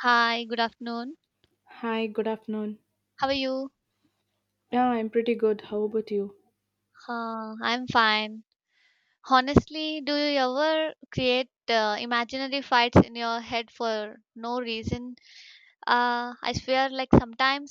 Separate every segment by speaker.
Speaker 1: Hi, good afternoon.
Speaker 2: Hi, good afternoon.
Speaker 1: How are you?
Speaker 2: Yeah, I'm pretty good. How about you?
Speaker 1: I'm fine. Honestly, do you ever create imaginary fights in your head for no reason? I swear, like sometimes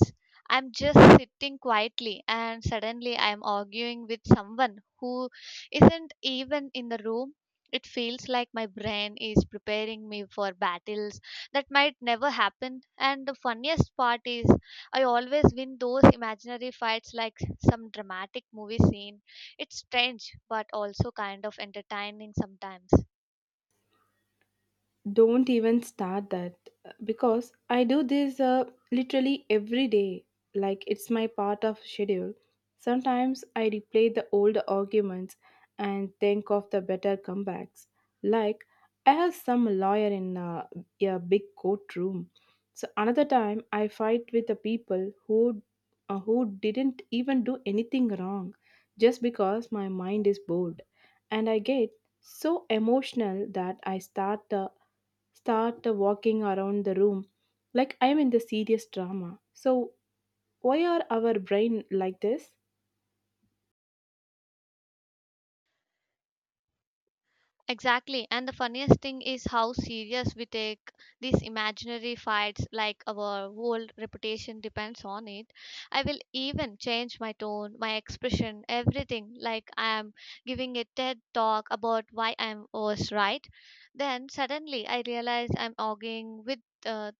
Speaker 1: I'm just sitting quietly and suddenly I'm arguing with someone who isn't even in the room. It feels like my brain is preparing me for battles that might never happen. And the funniest part is, I always win those imaginary fights like some dramatic movie scene. It's strange, but also kind of entertaining sometimes.
Speaker 2: Don't even start that because I do this literally every day. Like it's my part of schedule. Sometimes I replay the old arguments and think of the better comebacks. Like I have some lawyer in a big courtroom. So another time I fight with the people who didn't even do anything wrong just because my mind is bored and I get so emotional that I start walking around the room like I'm in the serious drama. So, why are our brain like this?
Speaker 1: Exactly. And the funniest thing is how serious we take these imaginary fights, like our whole reputation depends on it. I will even change my tone, my expression, everything, like I am giving a TED talk about why I am was right. Then suddenly I realize I'm arguing with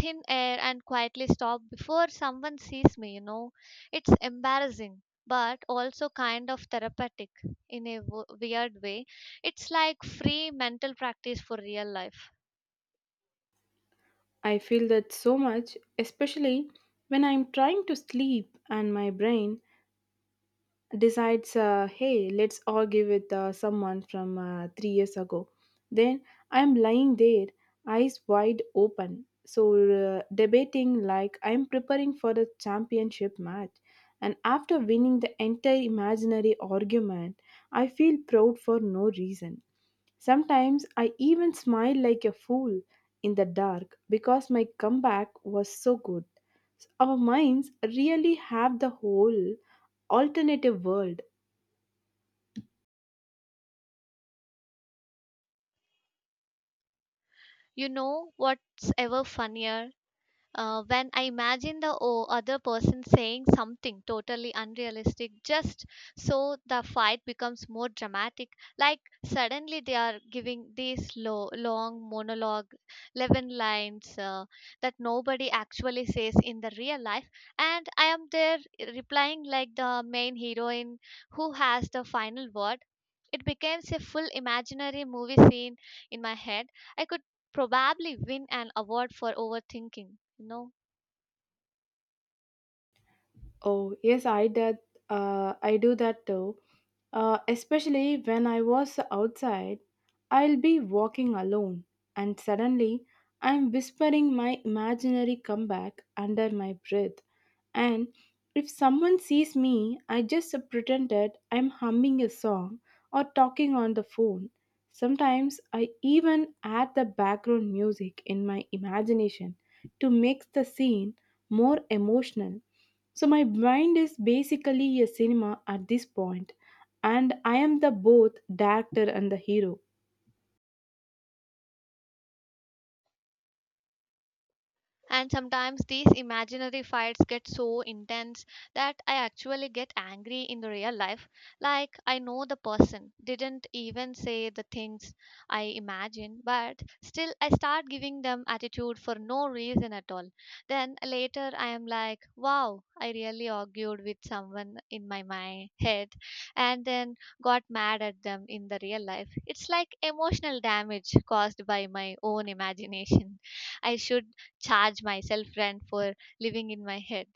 Speaker 1: thin air and quietly stop before someone sees me. It's embarrassing, but also kind of therapeutic in a weird way. It's like free mental practice for real life.
Speaker 2: I feel that so much, especially when I'm trying to sleep and my brain decides, hey, let's argue with someone from 3 years ago. Then I'm lying there, eyes wide open. So, debating like I'm preparing for the championship match. And after winning the entire imaginary argument, I feel proud for no reason. Sometimes I even smile like a fool in the dark because my comeback was so good. Our minds really have the whole alternative world.
Speaker 1: You know what's ever funnier? When I imagine the other person saying something totally unrealistic just so the fight becomes more dramatic, like suddenly they are giving this long monologue, 11 lines that nobody actually says in the real life, and I am there replying like the main heroine who has the final word. It becomes a full imaginary movie scene in my head. I could probably win an award for overthinking, you know.
Speaker 2: Oh, yes, I did. I do that too. Especially when I was outside, I'll be walking alone, and suddenly I'm whispering my imaginary comeback under my breath. And if someone sees me, I just pretended I'm humming a song or talking on the phone. Sometimes I even add the background music in my imagination to make the scene more emotional. So my mind is basically a cinema at this point, and I am the both director and the hero.
Speaker 1: And sometimes these imaginary fights get so intense that I actually get angry in the real life. Like, I know the person didn't even say the things I imagine, but still I start giving them attitude for no reason at all. Then later I am like, wow, I really argued with someone in my head and then got mad at them in the real life. It's like emotional damage caused by my own imagination. I should charge myself rent for living in my head.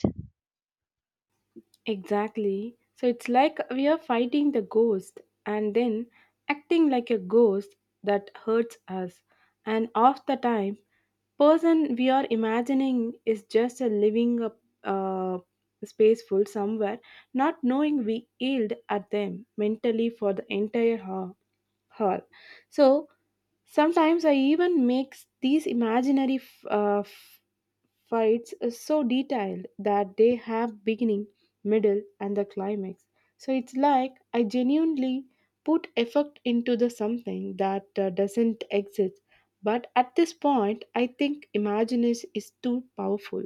Speaker 2: Exactly. So it's like we are fighting the ghost and then acting like a ghost that hurts us. And half the time, person we are imagining is just a living a uh, spaceful somewhere, not knowing we yelled at them mentally for the entire hour. So sometimes I even make these imaginary fights so detailed that they have beginning, middle, and the climax. So it's like I genuinely put effort into the something that doesn't exist. But at this point, I think imagination is too powerful.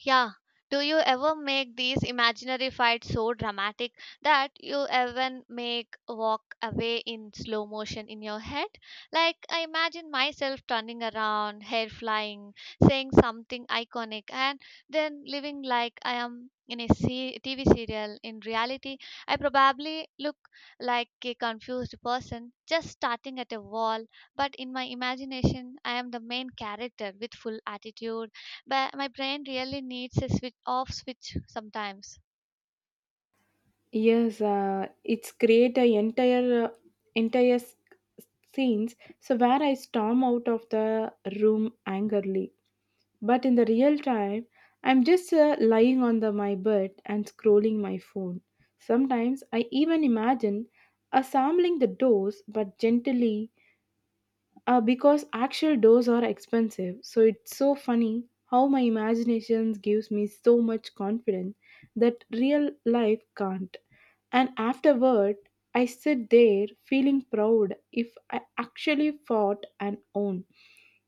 Speaker 1: Yeah. Do you ever make these imaginary fights so dramatic that you even make walk away in slow motion in your head? Like I imagine myself turning around, hair flying, saying something iconic, and then living like I am in a TV serial. In reality, I probably look like a confused person just starting at a wall, but in my imagination, I am the main character with full attitude, but my brain really needs a switch off switch sometimes.
Speaker 2: Yes, it's create a entire s- scenes. So where I storm out of the room angrily. But in the real time, I'm just lying on my bed and scrolling my phone. Sometimes I even imagine assembling the doors, but gently, because actual doors are expensive. So it's so funny how my imaginations gives me so much confidence that real life can't. And afterward, I sit there feeling proud if I actually fought and won.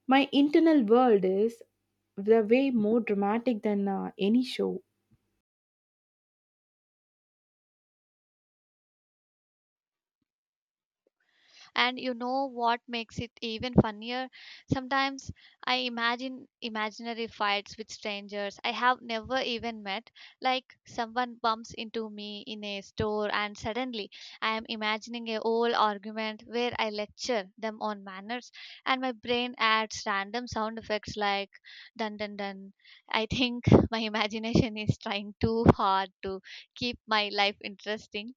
Speaker 2: My internal world is the way more dramatic than any show.
Speaker 1: And you know what makes it even funnier? Sometimes I imagine imaginary fights with strangers I have never even met. Like someone bumps into me in a store, and suddenly I am imagining a whole argument where I lecture them on manners, and my brain adds random sound effects like dun dun dun. I think my imagination is trying too hard to keep my life interesting.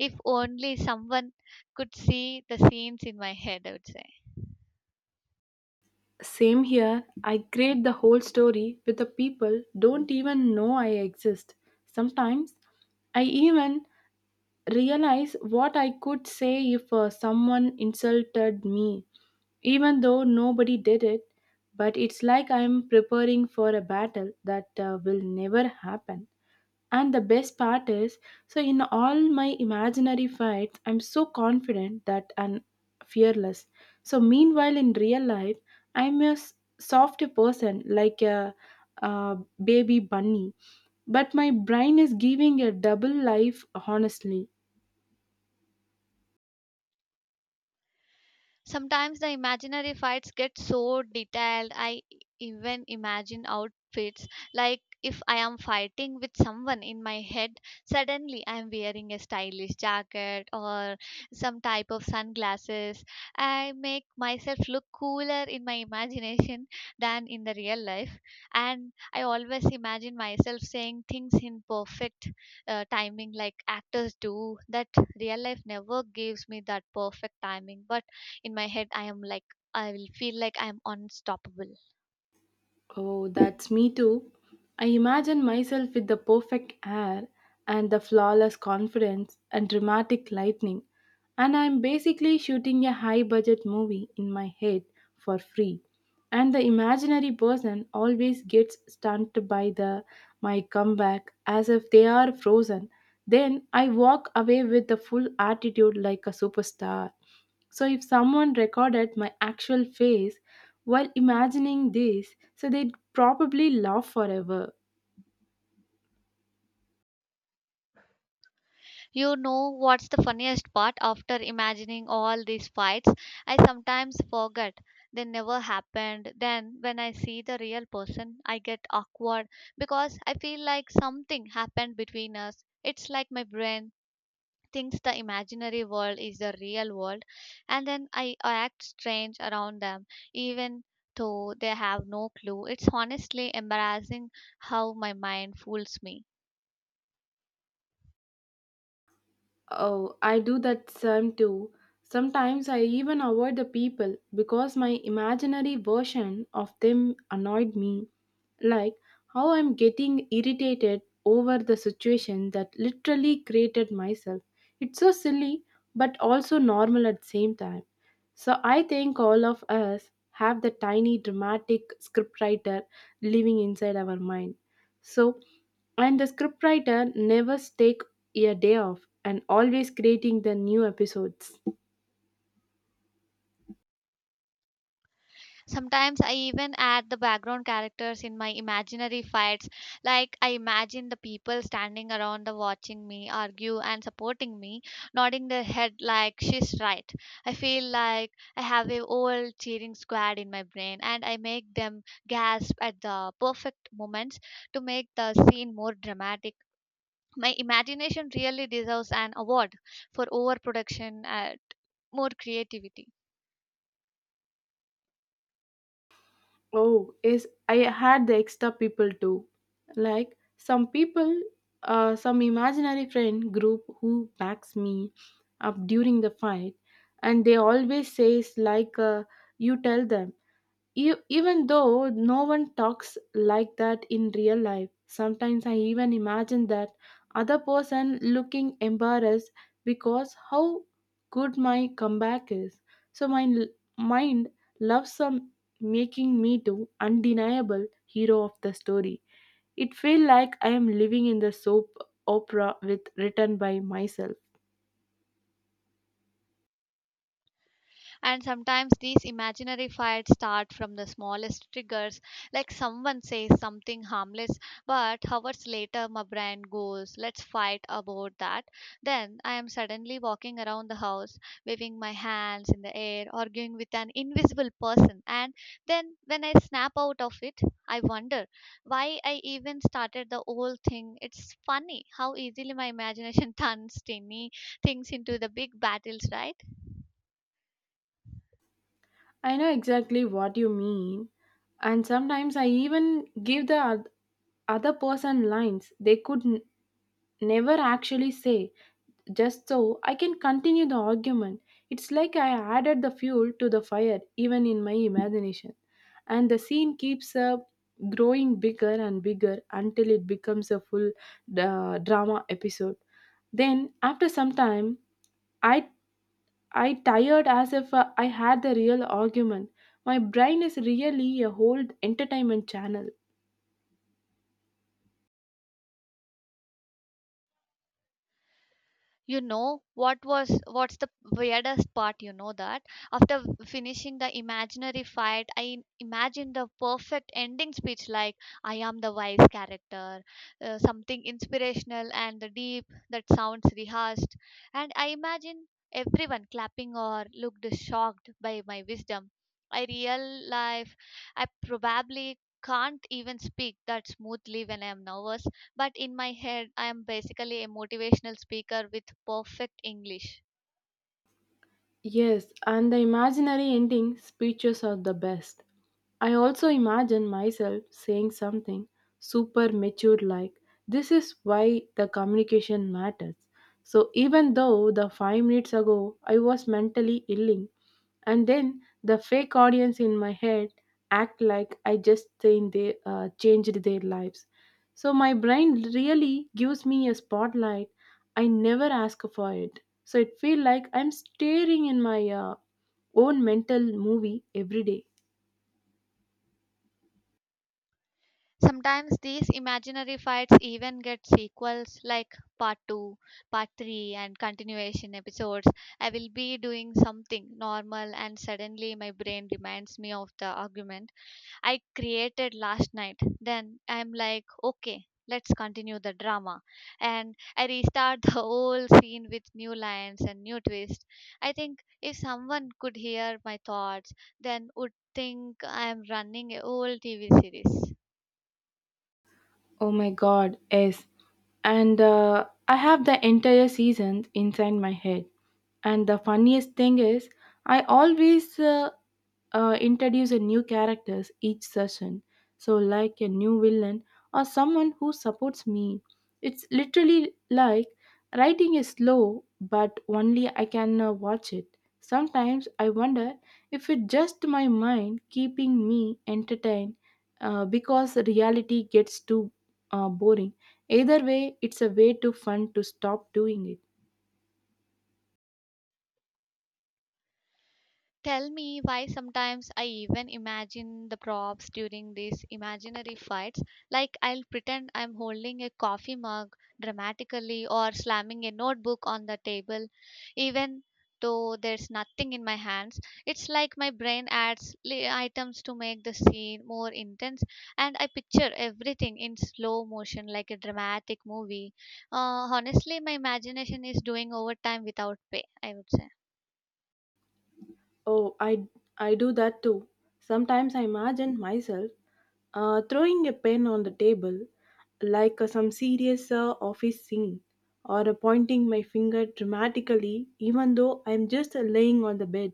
Speaker 1: If only someone could see the scenes in my head, I would say.
Speaker 2: Same here. I create the whole story with the people don't even know I exist. Sometimes I even realize what I could say if someone insulted me, even though nobody did it. But it's like I'm preparing for a battle that will never happen. And the best part is, so in all my imaginary fights, I'm so confident that and fearless. So meanwhile, in real life, I'm a s- soft person like a, uh baby bunny, but my brain is giving a double life honestly.
Speaker 1: Sometimes the imaginary fights get so detailed, I even imagine outfits like if I am fighting with someone in my head, suddenly I am wearing a stylish jacket or some type of sunglasses. I make myself look cooler in my imagination than in the real life. And I always imagine myself saying things in perfect timing like actors do. That real life never gives me that perfect timing. But in my head I am like, I will feel like I am unstoppable.
Speaker 2: Oh, that's me too. I imagine myself with the perfect hair and the flawless confidence and dramatic lightning, and I'm basically shooting a high budget movie in my head for free. And the imaginary person always gets stunned by the my comeback as if they are frozen. Then I walk away with the full attitude like a superstar. So if someone recorded my actual face while imagining this, so they'd probably laugh forever.
Speaker 1: You know what's the funniest part? After imagining all these fights, I sometimes forget they never happened. Then when I see the real person I get awkward because I feel like something happened between us. It's like my brain thinks the imaginary world is the real world, and then I act strange around them, even though they have no clue. It's honestly embarrassing how my mind fools me.
Speaker 2: Oh, I do that some too. Sometimes I even avoid the people because my imaginary version of them annoyed me. Like how I'm getting irritated over the situation that literally created myself. It's so silly but also normal at the same time. So I think all of us have the tiny dramatic scriptwriter living inside our mind. So, and the scriptwriter never take a day off and always creating the new episodes.
Speaker 1: Sometimes I even add the background characters in my imaginary fights. Like I imagine the people standing around the watching me argue and supporting me, nodding their head like she's right. I feel like I have a whole cheering squad in my brain and I make them gasp at the perfect moments to make the scene more dramatic. My imagination really deserves an award for overproduction and more creativity.
Speaker 2: Oh, is I had the extra people too. Like some people, some imaginary friend group who backs me up during the fight, and they always says like, "You tell them." E- even though no one talks like that in real life, sometimes I even imagine that other person looking embarrassed because how good my comeback is. So my l- mind loves some making me to undeniable hero of the story. It feel like I am living in the soap opera with written by myself.
Speaker 1: And sometimes these imaginary fights start from the smallest triggers, like someone says something harmless, but hours later my brain goes, let's fight about that. Then I am suddenly walking around the house, waving my hands in the air, arguing with an invisible person, and then when I snap out of it I wonder why I even started the whole thing. It's funny how easily my imagination turns tiny things into the big battles, right?
Speaker 2: I know exactly what you mean. And sometimes I even give the other person lines they could n- never actually say, just so I can continue the argument. It's like I added the fuel to the fire, even in my imagination. And the scene keeps up growing bigger and bigger until it becomes a full drama episode. Then, after some time, I I tired as if I had the real argument. My brain is really a whole entertainment channel.
Speaker 1: You know what's the weirdest part? You know that after finishing the imaginary fight I imagined the perfect ending speech, like I am the wise character, something inspirational and the deep that sounds rehearsed, and I imagine everyone clapping or looked shocked by my wisdom. I real life, I probably can't even speak that smoothly when I am nervous, but in my head, I am basically a motivational speaker with perfect English.
Speaker 2: Yes, and the imaginary ending speeches are the best. I also imagine myself saying something super mature like, this is why the communication matters. So, even though the 5 minutes ago I was mentally illing, and then the fake audience in my head act like I just changed their lives. So my brain really gives me a spotlight. I never ask for it. So it feel like I'm staring in my own mental movie every day.
Speaker 1: Sometimes these imaginary fights even get sequels like part 2, part 3, and continuation episodes. I will be doing something normal, and suddenly my brain reminds me of the argument I created last night. Then I'm like, okay, let's continue the drama. And I restart the whole scene with new lines and new twist. I think if someone could hear my thoughts, then would think I'm running a whole TV series.
Speaker 2: Oh my god, yes. And I have the entire season inside my head. And the funniest thing is, I always introduce a new characters each session, so like a new villain or someone who supports me. It's literally like writing is slow but only I can watch it. Sometimes I wonder if it's just my mind keeping me entertained because reality gets too boring. Either way, it's a way too fun to stop doing it.
Speaker 1: Tell me why sometimes I even imagine the props during these imaginary fights. Like I'll pretend I'm holding a coffee mug dramatically or slamming a notebook on the table, even though there's nothing in my hands. It's like my brain adds items to make the scene more intense, and I picture everything in slow motion like a dramatic movie. Honestly, my imagination is doing overtime without pay, I would say.
Speaker 2: Oh, I do that too. Sometimes I imagine myself throwing a pen on the table like some serious office scene or pointing my finger dramatically even though I'm just laying on the bed.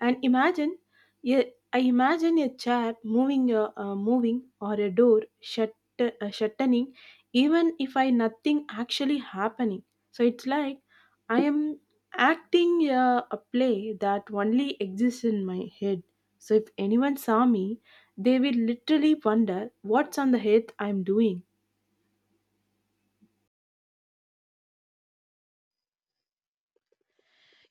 Speaker 2: And imagine, yeah, I imagine a chair moving, or a door shutting, even if I nothing actually happening. So it's like I am acting a play that only exists in my head. So if anyone saw me, they will literally wonder what's on the head I'm doing.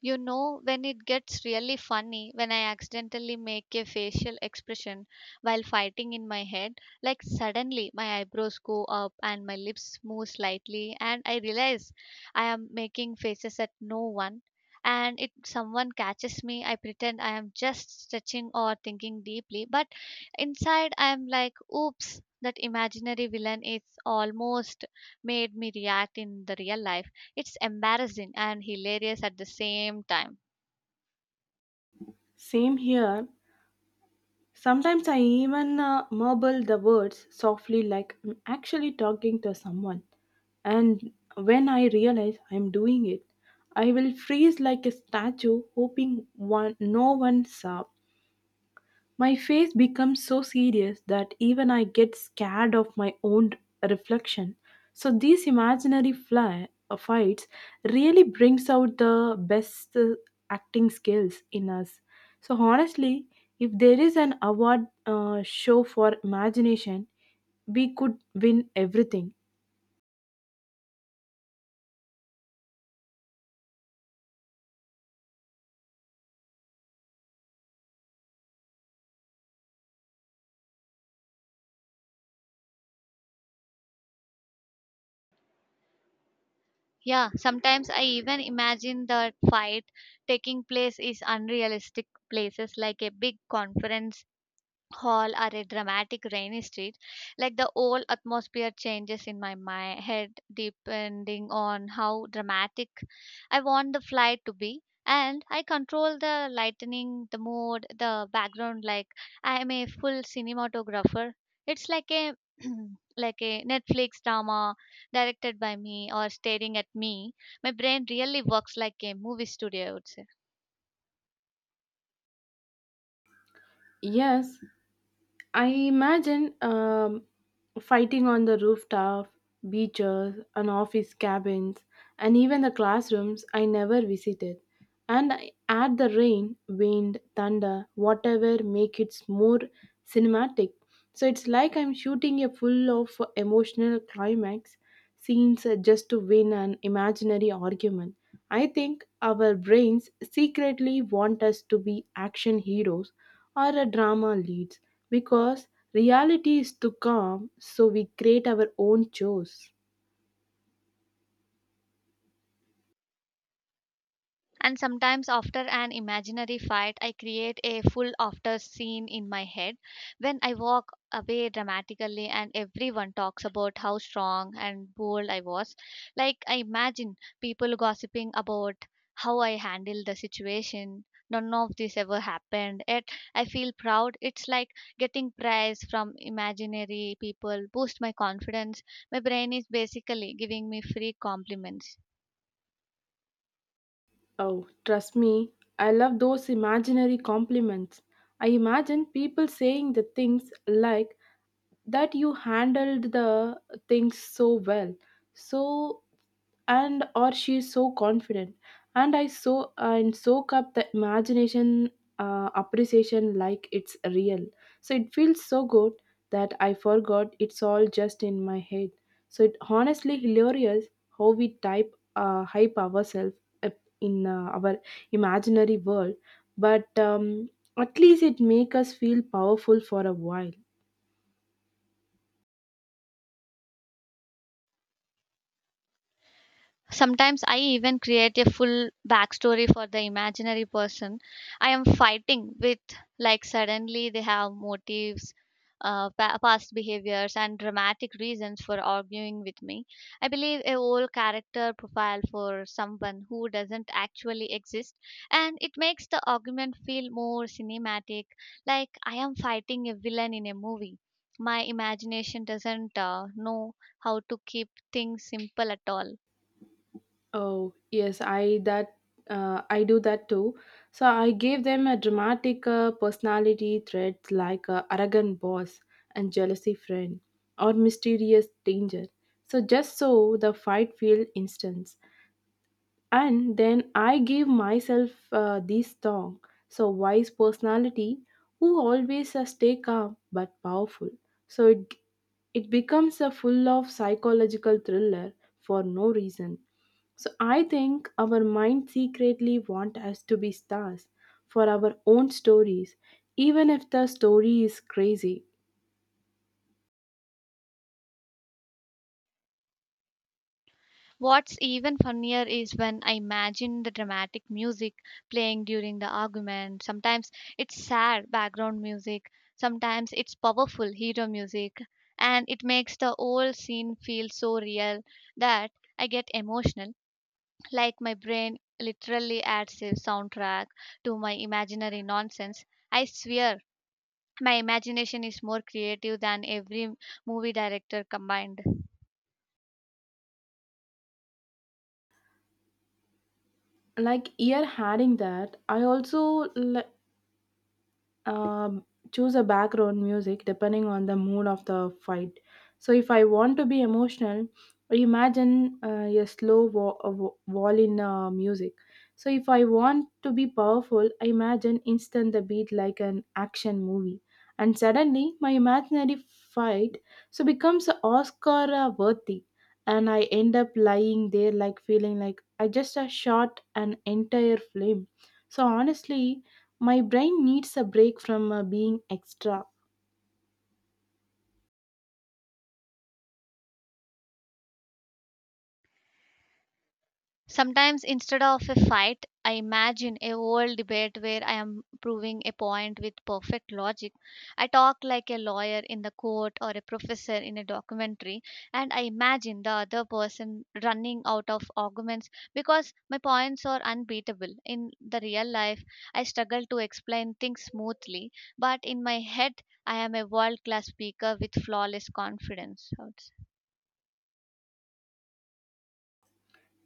Speaker 1: You know, when it gets really funny, when I accidentally make a facial expression while fighting in my head, like suddenly my eyebrows go up and my lips move slightly, and I realize I am making faces at no one. And if someone catches me, I pretend I am just stretching or thinking deeply, but inside I am like, oops, that imaginary villain is almost made me react in the real life. It's embarrassing and hilarious at the same time.
Speaker 2: Same here. Sometimes I even mumble the words softly like I'm actually talking to someone. And when I realize I'm doing it, I will freeze like a statue, hoping one, no one saw. My face becomes so serious that even I get scared of my own reflection. So these imaginary fights really brings out the best acting skills in us. So honestly, if there is an award show for imagination, we could win everything.
Speaker 1: Yeah, sometimes I even imagine the fight taking place is unrealistic places like a big conference hall or a dramatic rainy street, like the whole atmosphere changes in my head depending on how dramatic I want the flight to be, and I control the lightning, the mood, the background, like I am a full cinematographer. It's like a like a Netflix drama directed by me or staring at me. My brain really works like a movie studio, I would say.
Speaker 2: Yes, I imagine fighting on the rooftop, beaches, and office cabins, and even the classrooms I never visited. And I add the rain, wind, thunder, whatever make it more cinematic. So it's like I'm shooting a full of emotional climax scenes just to win an imaginary argument. I think our brains secretly want us to be action heroes or a drama leads because reality is too calm, so we create our own chores.
Speaker 1: And sometimes, after an imaginary fight, I create a full after scene in my head when I walk away dramatically and everyone talks about how strong and bold I was. Like, I imagine people gossiping about how I handled the situation. None of this ever happened, yet I feel proud. It's like getting praise from imaginary people, boost my confidence. My brain is basically giving me free compliments.
Speaker 2: Oh, trust me, I love those imaginary compliments. I imagine people saying the things like that you handled the things so well. So and or she's so confident and I so and soak up the imagination appreciation like it's real. So it feels so good that I forgot it's all just in my head. So it honestly hilarious how we type hype ourselves up in our imaginary world, but at least it make us feel powerful for a while.
Speaker 1: Sometimes I even create a full backstory for the imaginary person I am fighting with. Like suddenly they have motives, past behaviors, and dramatic reasons for arguing with me. I believe a whole character profile for someone who doesn't actually exist, and it makes the argument feel more cinematic. Like I am fighting a villain in a movie. My imagination doesn't know how to keep things simple at all.
Speaker 2: Oh yes, I do that too. So I gave them a dramatic personality traits like arrogant boss and jealousy friend or mysterious danger, so just so the fight feel instant. And then I gave myself this song. So wise personality who always stay calm but powerful. So it becomes a full of psychological thriller for no reason. So I think our mind secretly want us to be stars for our own stories, even if the story is crazy.
Speaker 1: What's even funnier is when I imagine the dramatic music playing during the argument. Sometimes it's sad background music, sometimes it's powerful hero music, and it makes the whole scene feel so real that I get emotional, like my brain literally adds a soundtrack to my imaginary nonsense. I swear, my imagination is more creative than every movie director combined.
Speaker 2: Like ear having that, I also li- um, choose a background music depending on the mood of the fight. So if I want to be emotional, I imagine a slow violin music. So if I want to be powerful, I imagine instant the beat like an action movie. And suddenly my imaginary fight so becomes Oscar worthy. And I end up lying there like feeling like I just shot an entire film. So honestly, my brain needs a break from being extra.
Speaker 1: Sometimes instead of a fight, I imagine a whole debate where I am proving a point with perfect logic. I talk like a lawyer in the court or a professor in a documentary, and I imagine the other person running out of arguments because my points are unbeatable. In the real life, I struggle to explain things smoothly, but in my head, I am a world class speaker with flawless confidence, I would say.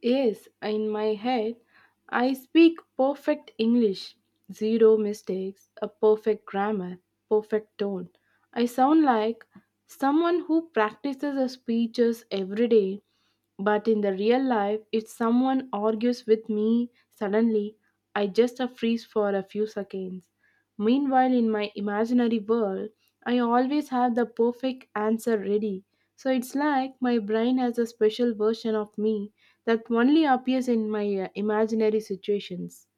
Speaker 2: Yes, in my head, I speak perfect English, zero mistakes, a perfect grammar, perfect tone. I sound like someone who practices her speeches every day, but in the real life, if someone argues with me suddenly, I just freeze for a few seconds. Meanwhile, in my imaginary world, I always have the perfect answer ready. So it's like my brain has a special version of me that only appears in my imaginary situations.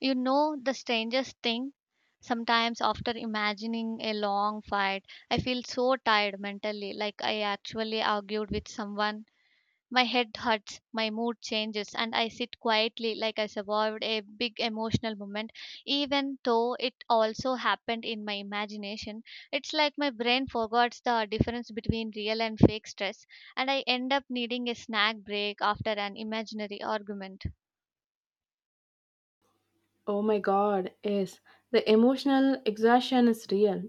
Speaker 1: You know, the strangest thing, sometimes after imagining a long fight, I feel so tired mentally, like I actually argued with someone. My head hurts, my mood changes, and I sit quietly like I survived a big emotional moment, even though it also happened in my imagination. It's like my brain forgets the difference between real and fake stress, and I end up needing a snack break after an imaginary argument.
Speaker 2: Oh my god, yes, the emotional exhaustion is real.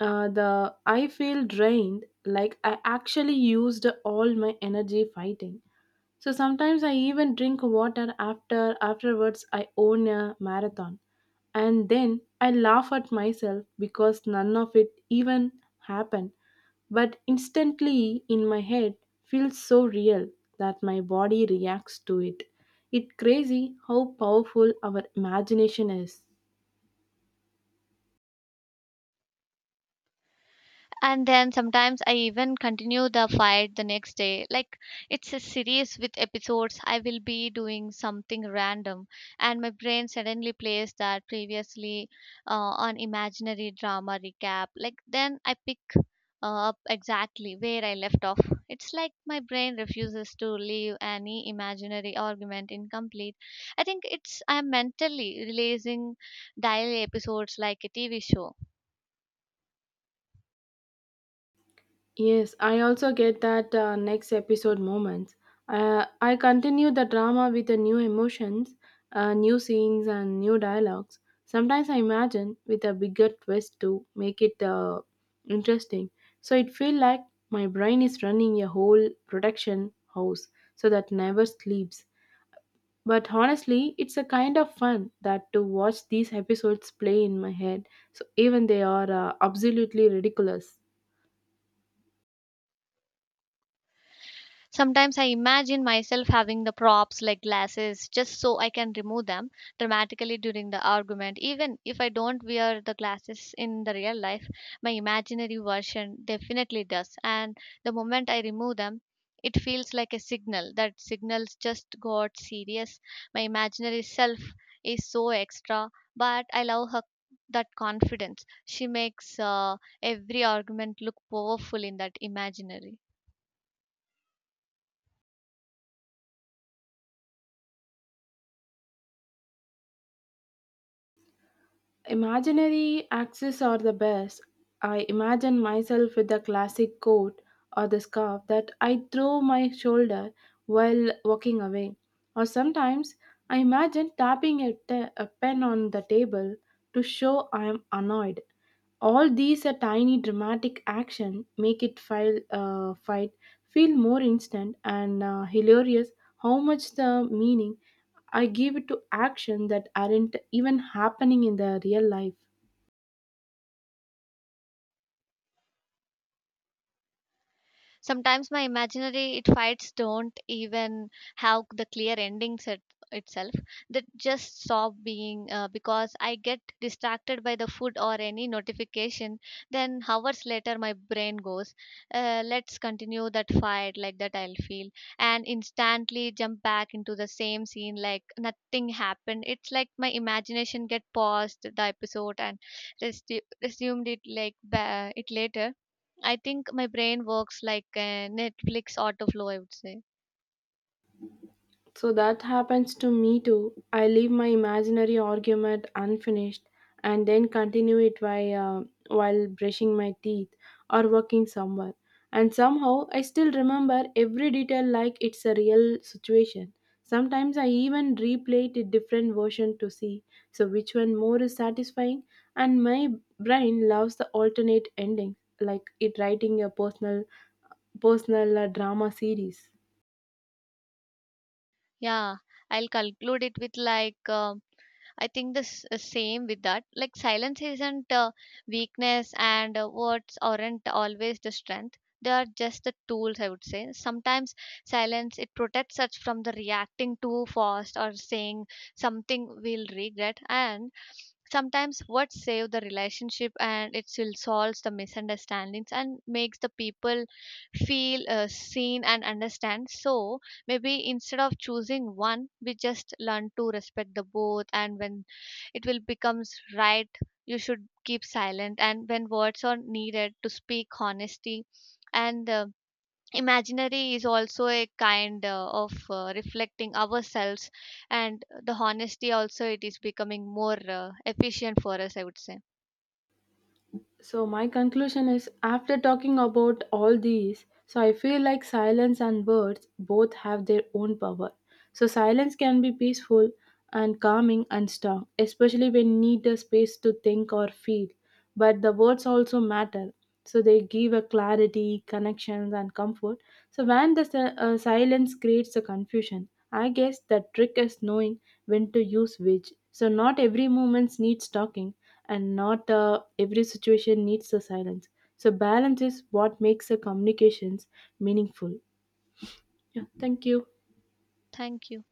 Speaker 2: The I feel drained, like I actually used all my energy fighting. So sometimes I even drink water after afterwards I own a marathon, and then I laugh at myself because none of it even happened, but instantly in my head feels so real that my body reacts to it. It's crazy how powerful our imagination is.
Speaker 1: And then sometimes I even continue the fight the next day, like it's a series with episodes. I will be doing something random and my brain suddenly plays that previously on imaginary drama recap, like then I pick up exactly where I left off. It's like my brain refuses to leave any imaginary argument incomplete. I think it's I'm mentally releasing daily episodes like a TV show.
Speaker 2: Yes, I also get that next episode moments. I continue the drama with the new emotions, new scenes, and new dialogues. Sometimes I imagine with a bigger twist to make it interesting. So it feels like my brain is running a whole production house, so that never sleeps. But honestly, it's a kind of fun that to watch these episodes play in my head. So even they are absolutely ridiculous.
Speaker 1: Sometimes I imagine myself having the props like glasses just so I can remove them dramatically during the argument. Even if I don't wear the glasses in the real life, my imaginary version definitely does. And the moment I remove them, it feels like a signal that signals just got serious. My imaginary self is so extra, but I love her that confidence. She makes every argument look powerful in that imaginary.
Speaker 2: Imaginary axes are the best. I imagine myself with a classic coat or the scarf that I throw my shoulder while walking away. Or sometimes I imagine tapping a pen on the table to show I am annoyed. All these a tiny dramatic action make it fight feel more instant and hilarious how much the meaning I give it to action that aren't even happening in the real life.
Speaker 1: Sometimes my imaginary it fights don't even have the clear endings it, itself. That just stop being because I get distracted by the food or any notification. Then hours later, my brain goes, "Let's continue that fight." Like that, I'll feel and instantly jump back into the same scene like nothing happened. It's like my imagination get paused the episode and resumed it like it later. I think my brain works like a Netflix autoflow, I would say.
Speaker 2: So that happens to me too. I leave my imaginary argument unfinished and then continue it by, while brushing my teeth or walking somewhere. And somehow I still remember every detail like it's a real situation. Sometimes I even replay it a different version to see so which one more is satisfying, and my brain loves the alternate endings like it writing a personal drama series.
Speaker 1: Yeah, I'll conclude it with like, I think the same with that. Like, silence isn't weakness, and words aren't always the strength. They are just the tools, I would say. Sometimes silence it protects us from the reacting too fast or saying something we'll regret, and sometimes what save the relationship and it still solves the misunderstandings and makes the people feel seen and understand. So maybe instead of choosing one we just learn to respect the both, and when it will becomes right you should keep silent, and when words are needed to speak honesty. And imaginary is also a kind of reflecting ourselves, and the honesty also it is becoming more efficient for us, I would say.
Speaker 2: So my conclusion is after talking about all these, so I feel like silence and words both have their own power. So silence can be peaceful and calming and strong, especially when need a space to think or feel. But the words also matter. So they give a clarity, connections and comfort. So when the silence creates a confusion, I guess the trick is knowing when to use which. So not every moment needs talking and not every situation needs the silence. So balance is what makes the communications meaningful. Yeah, thank you.
Speaker 1: Thank you.